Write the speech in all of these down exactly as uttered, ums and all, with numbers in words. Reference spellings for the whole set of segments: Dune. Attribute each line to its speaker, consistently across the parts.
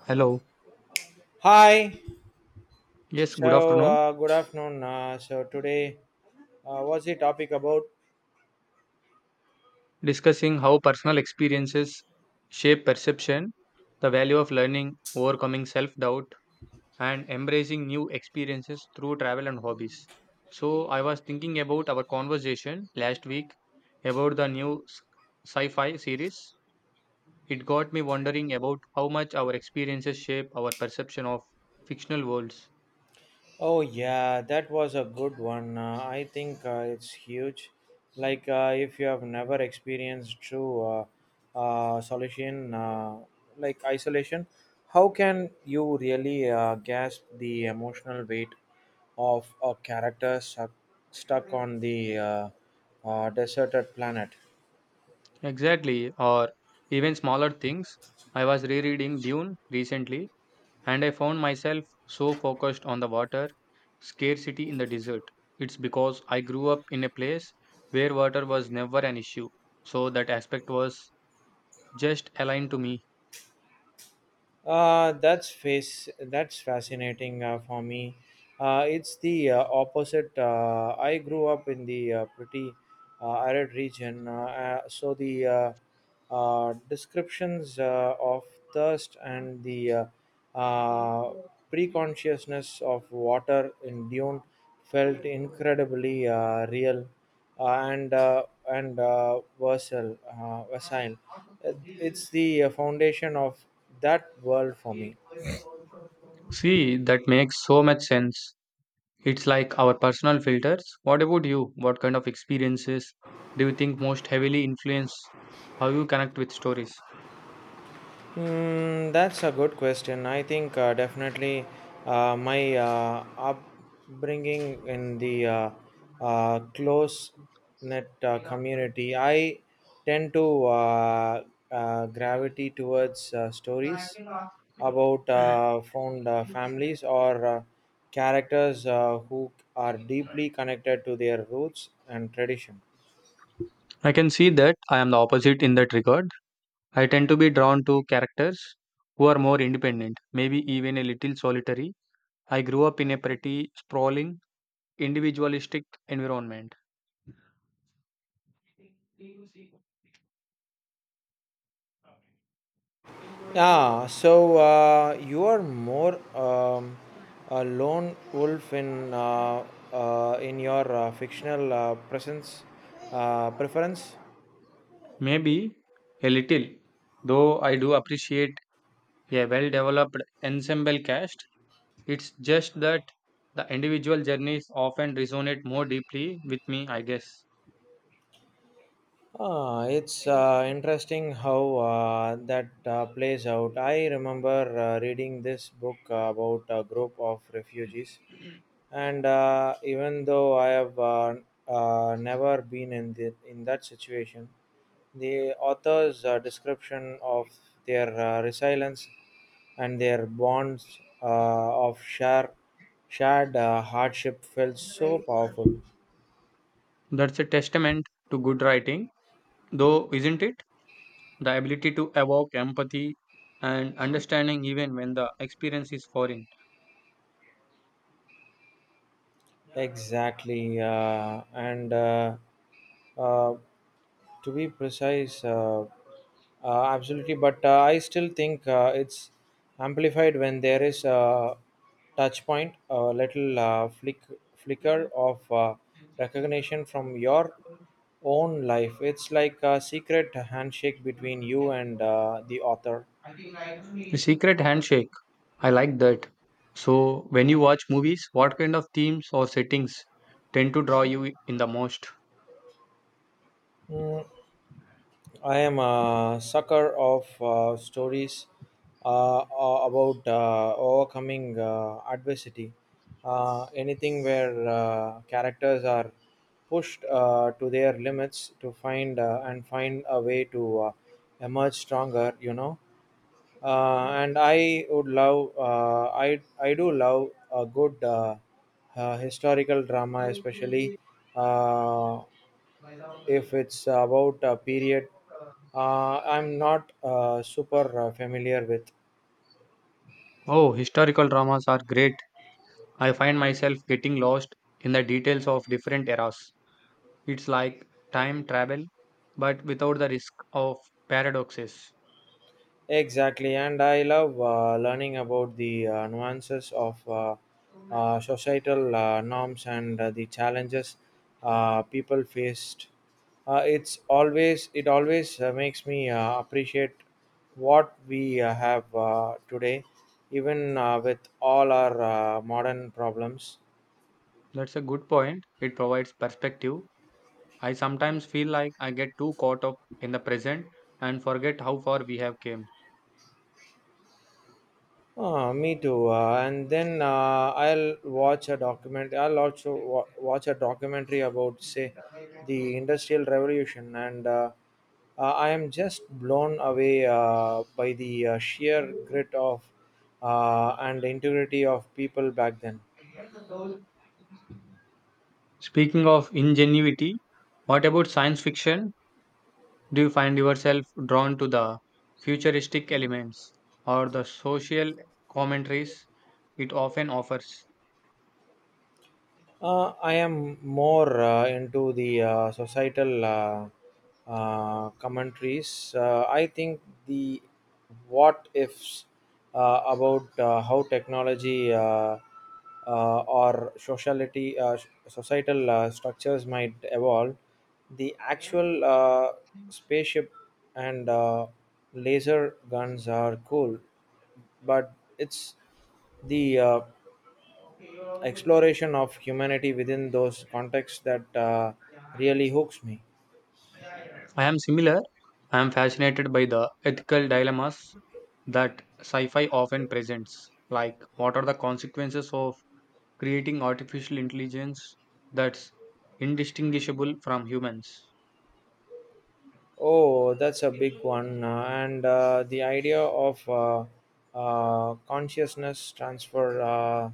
Speaker 1: Hello.
Speaker 2: Hi.
Speaker 1: Yes, good
Speaker 2: So
Speaker 1: afternoon.
Speaker 2: uh, good afternoon. Uh, so today, uh, what's the topic about?
Speaker 1: Discussing how personal experiences shape perception, the value of learning, overcoming self doubt, and embracing new experiences through travel and hobbies. So, I was thinking about our conversation last week about the new sci fi series. It got me wondering about how much our experiences shape our perception of fictional worlds.
Speaker 2: Oh yeah, that was a good one. Uh, I think uh, it's huge. Like uh, if you have never experienced true uh, uh, solution, uh, like isolation, how can you really uh, grasp the emotional weight of a character stuck, stuck on the uh, uh, deserted planet?
Speaker 1: Exactly, or even smaller things. I was rereading Dune recently and I found myself so focused on the water scarcity in the desert. It's because I grew up in a place where water was never an issue. So that aspect was just aligned to me.
Speaker 2: Uh, that's face. That's fascinating uh, for me. Uh, it's the uh, opposite. Uh, I grew up in the uh, pretty uh, arid region, uh, uh, so the uh, uh, descriptions uh, of thirst and the uh, uh, preconsciousness of water in Dune felt incredibly uh, real. Uh, and uh, and uh, Versailles. Uh, Versailles. It's the uh, foundation of that world for me.
Speaker 1: See, that makes so much sense. It's like our personal filters. What about you? What kind of experiences do you think most heavily influence how you connect with stories?
Speaker 2: Mm, that's a good question. I think uh, definitely uh, my uh, upbringing in the uh, uh, close knit uh, community, I tend to uh, uh, gravity towards uh, stories about uh, found uh, families or uh, characters uh, who are deeply connected to their roots and tradition.
Speaker 1: I can see that I am the opposite in that regard. I tend to be drawn to characters who are more independent, maybe even a little solitary. I grew up in a pretty sprawling, individualistic environment.
Speaker 2: Yeah, so uh, you are more um, a lone wolf in uh, uh, in your uh, fictional uh, presence uh, preference.
Speaker 1: Maybe a little, though I do appreciate a well developed ensemble cast. It's just that the individual journeys often resonate more deeply with me, I guess.
Speaker 2: Ah, it's uh, interesting how uh, that uh, plays out. I remember uh, reading this book about a group of refugees and uh, even though I have uh, uh, never been in the, in that situation, the author's uh, description of their uh, resilience and their bonds uh, of share, shared uh, hardship felt so powerful.
Speaker 1: That's a testament to good writing, though, isn't it? The ability to evoke empathy and understanding even when the experience is foreign.
Speaker 2: Exactly, uh, and uh, uh, to be precise, uh, uh, absolutely. But uh, I still think uh, it's amplified when there is a touch point, a little uh, flick, flicker of uh, recognition from your own life. It's like a secret handshake between you and uh, the author.
Speaker 1: The secret handshake. I like that. So, when you watch movies, what kind of themes or settings tend to draw you in the most?
Speaker 2: Mm, I am a sucker of uh, stories uh, a- about uh, overcoming uh, adversity. Uh, anything where uh, characters are pushed uh, to their limits to find uh, and find a way to uh, emerge stronger. You know, uh, and I would love uh, I I do love a good uh, uh, historical drama, especially. Uh, if it's about a period uh, I'm not uh, super uh, familiar with.
Speaker 1: Oh, historical dramas are great. I find myself getting lost in the details of different eras. It's like time travel, but without the risk of paradoxes.
Speaker 2: Exactly, and I love uh, learning about the uh, nuances of uh, uh, societal uh, norms and uh, the challenges uh, people faced. Uh, it's always it always uh, makes me uh, appreciate what we uh, have uh, today, even uh, with all our uh, modern problems.
Speaker 1: That's a good point. It provides perspective. I sometimes feel like I get too caught up in the present and forget how far we have came.
Speaker 2: Ah, me too. Uh, and then uh, I'll watch a document. I'll also wa- watch a documentary about, say, the Industrial Revolution, and uh, uh, I am just blown away uh, by the uh, sheer grit of uh, and integrity of people back then.
Speaker 1: Speaking of ingenuity, what about science fiction? Do you find yourself drawn to the futuristic elements or the social commentaries it often offers?
Speaker 2: Uh, I am more uh, into the uh, societal uh, uh, commentaries. Uh, I think the what ifs uh, about uh, how technology uh, uh, or sociality, uh, societal uh, structures might evolve. The actual uh, spaceship and uh, laser guns are cool, but it's the uh, exploration of humanity within those contexts that uh, really hooks me.
Speaker 1: I am similar. I am fascinated by the ethical dilemmas that sci fi often presents, like what are the consequences of creating artificial intelligence that's indistinguishable from humans?
Speaker 2: Oh, that's a big one. Uh, and uh, the idea of uh, uh, consciousness transfer, uh,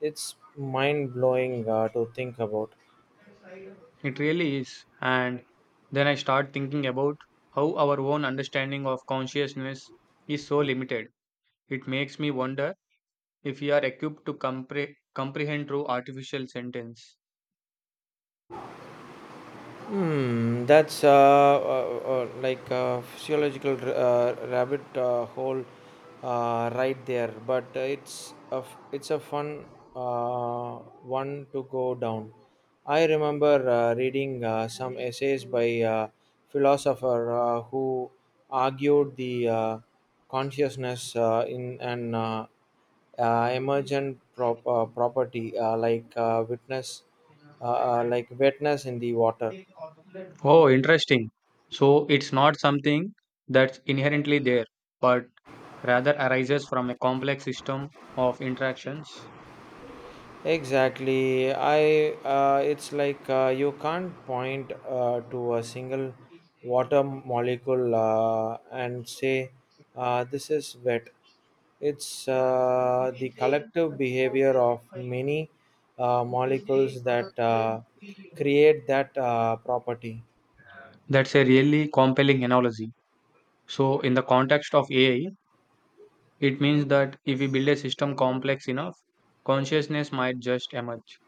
Speaker 2: it's mind blowing uh, to think about.
Speaker 1: It really is. And then I start thinking about how our own understanding of consciousness is so limited. It makes me wonder if we are equipped to compre- comprehend through artificial sentence.
Speaker 2: Hmm, that's uh, uh, uh, like a physiological r- uh, rabbit uh, hole uh, right there, but uh, it's a f- it's a fun uh, one to go down. I remember uh, reading uh, some essays by uh, philosopher uh, who argued the uh, consciousness uh, in an uh, uh, emergent prop- uh, property uh, like uh, witness uh, uh, like wetness in the water.
Speaker 1: Oh, interesting. So it's not something that's inherently there, but rather arises from a complex system of interactions.
Speaker 2: Exactly. I uh, It's like uh, you can't point uh, to a single water molecule uh, and say uh, this is wet. It's uh, the collective behavior of many uh, molecules that uh, create that uh, property.
Speaker 1: That's a really compelling analogy. So, in the context of A I, it means that if we build a system complex enough, consciousness might just emerge.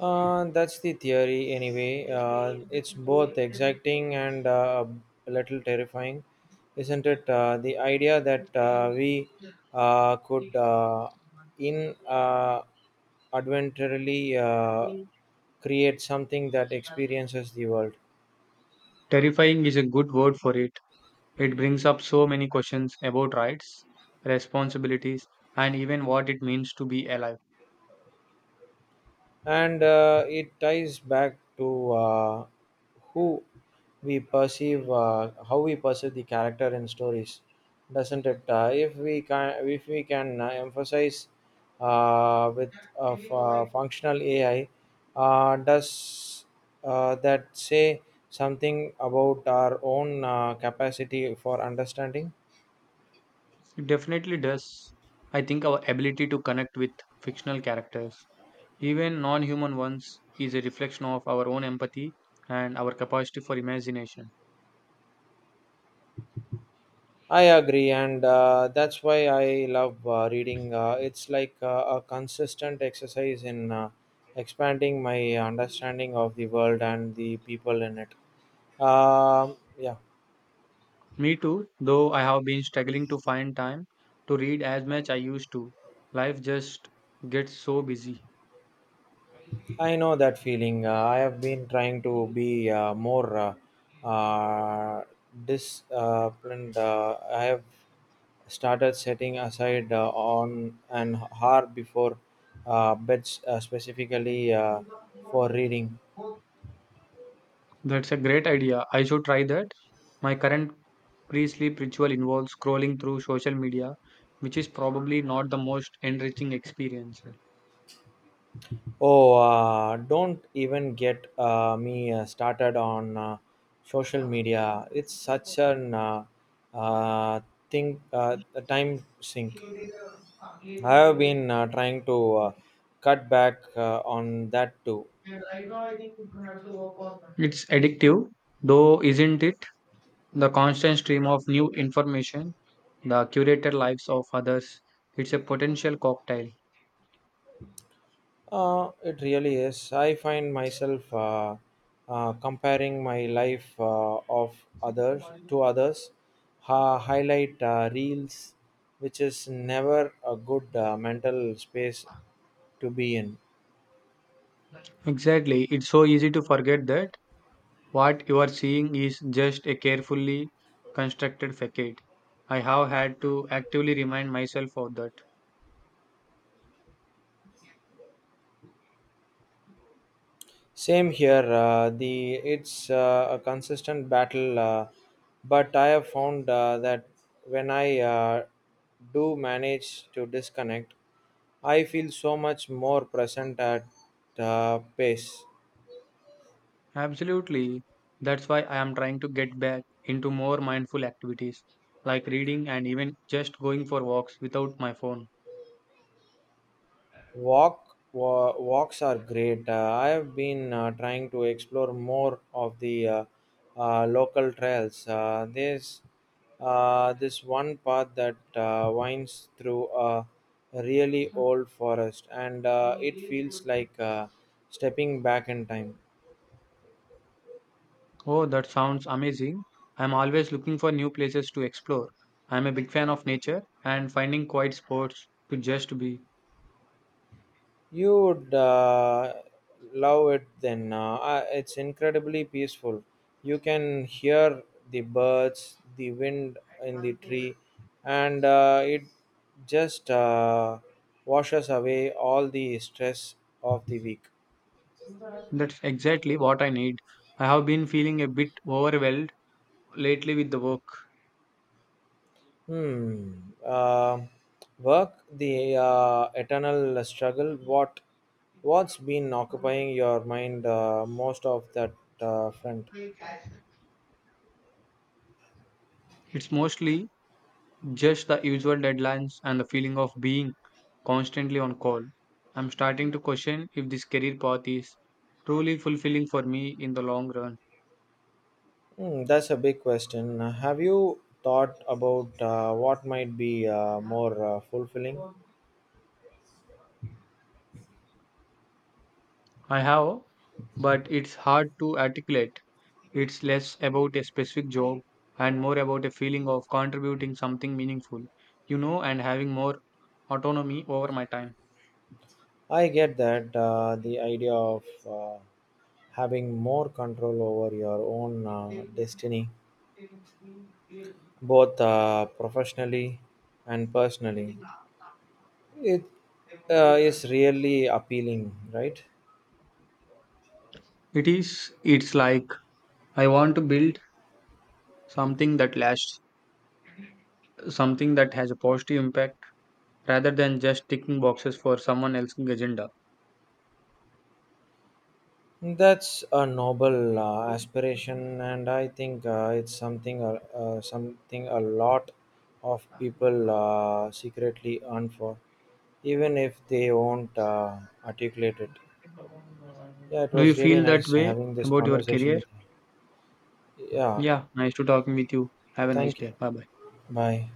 Speaker 2: Uh, that's the theory, anyway. Uh, it's both exciting and uh, a little terrifying, isn't it? Uh, the idea that uh, we uh, could uh, in uh, adventurally uh, create something that experiences the world.
Speaker 1: Terrifying is a good word for it. It brings up so many questions about rights, responsibilities, and even what it means to be alive.
Speaker 2: And uh, it ties back to uh, who we perceive uh, how we perceive the character in stories, doesn't it? Uh, if we can if we can uh, emphasize uh, with of uh, functional AI, uh, does uh, that say something about our own uh, capacity for understanding?
Speaker 1: It definitely does. I think our ability to connect with fictional characters, even non human ones, is a reflection of our own empathy and our capacity for imagination.
Speaker 2: I agree, and uh, that's why I love uh, reading. Uh, it's like uh, a consistent exercise in uh, expanding my understanding of the world and the people in it. Um, yeah.
Speaker 1: Me too, though I have been struggling to find time to read as much I used to. Life just gets so busy.
Speaker 2: I know that feeling. Uh, I have been trying to be uh, more uh, uh, disciplined. Uh, I have started setting aside uh, on an hour before uh, beds, uh, specifically uh, for reading.
Speaker 1: That's a great idea. I should try that. My current pre sleep ritual involves scrolling through social media, which is probably not the most enriching experience.
Speaker 2: Oh, uh, don't even get uh, me uh, started on uh, social media. It's such an uh, uh, thing, uh, a time sink. I have been uh, trying to uh, cut back uh, on that too.
Speaker 1: It's addictive, though, isn't it? The constant stream of new information, the curated lives of others, it's a potential cocktail.
Speaker 2: Uh, it really is. I find myself uh, uh, comparing my life uh, of others to others, uh, highlight uh, reels, which is never a good uh, mental space to be in.
Speaker 1: Exactly. It's so easy to forget that. What you are seeing is just a carefully constructed facade. I have had to actively remind myself of that.
Speaker 2: Same here. Uh, the it's uh, a consistent battle, uh, but I have found uh, that when I uh, do manage to disconnect, I feel so much more present at uh, pace.
Speaker 1: Absolutely. That's why I am trying to get back into more mindful activities like reading and even just going for walks without my phone.
Speaker 2: Walk, wa- walks are great. Uh, I have been uh, trying to explore more of the uh, uh, local trails. Uh, there's uh, this one path that uh, winds through a really old forest, and uh, it feels like uh, stepping back in time.
Speaker 1: Oh, that sounds amazing. I'm always looking for new places to explore. I'm a big fan of nature and finding quiet spots to just be.
Speaker 2: You would uh, love it then. Uh, uh, it's incredibly peaceful. You can hear the birds, the wind in the tree, and uh, it just uh, washes away all the stress of the week.
Speaker 1: That's exactly what I need. I have been feeling a bit overwhelmed lately with the work.
Speaker 2: Hmm. Uh, work, the uh, eternal struggle. What, what's been occupying your mind uh, most of that uh, front?
Speaker 1: It's mostly just the usual deadlines and the feeling of being constantly on call. I'm starting to question if this career path is truly fulfilling for me in the long run.
Speaker 2: Hmm, that's a big question. Have you thought about uh, what might be uh, more uh, fulfilling?
Speaker 1: I have, but it's hard to articulate. It's less about a specific job and more about a feeling of contributing something meaningful, you know, and having more autonomy over my time.
Speaker 2: I get that uh, the idea of uh, having more control over your own uh, destiny, both uh, professionally and personally, it uh, is really appealing, right?
Speaker 1: It is, it's like I want to build something that lasts, something that has a positive impact rather than just ticking boxes for someone else's agenda.
Speaker 2: That's a noble uh, aspiration, and I think uh, it's something uh, uh, something a lot of people uh, secretly earn for, even if they won't uh, articulate it. Yeah, it
Speaker 1: Do you
Speaker 2: was really
Speaker 1: feel that
Speaker 2: nice
Speaker 1: way
Speaker 2: having this
Speaker 1: about your
Speaker 2: conversation
Speaker 1: career?
Speaker 2: with you. Yeah,
Speaker 1: Yeah, nice to talking with you. Have a nice
Speaker 2: thank you.
Speaker 1: day. Bye bye.
Speaker 2: Bye.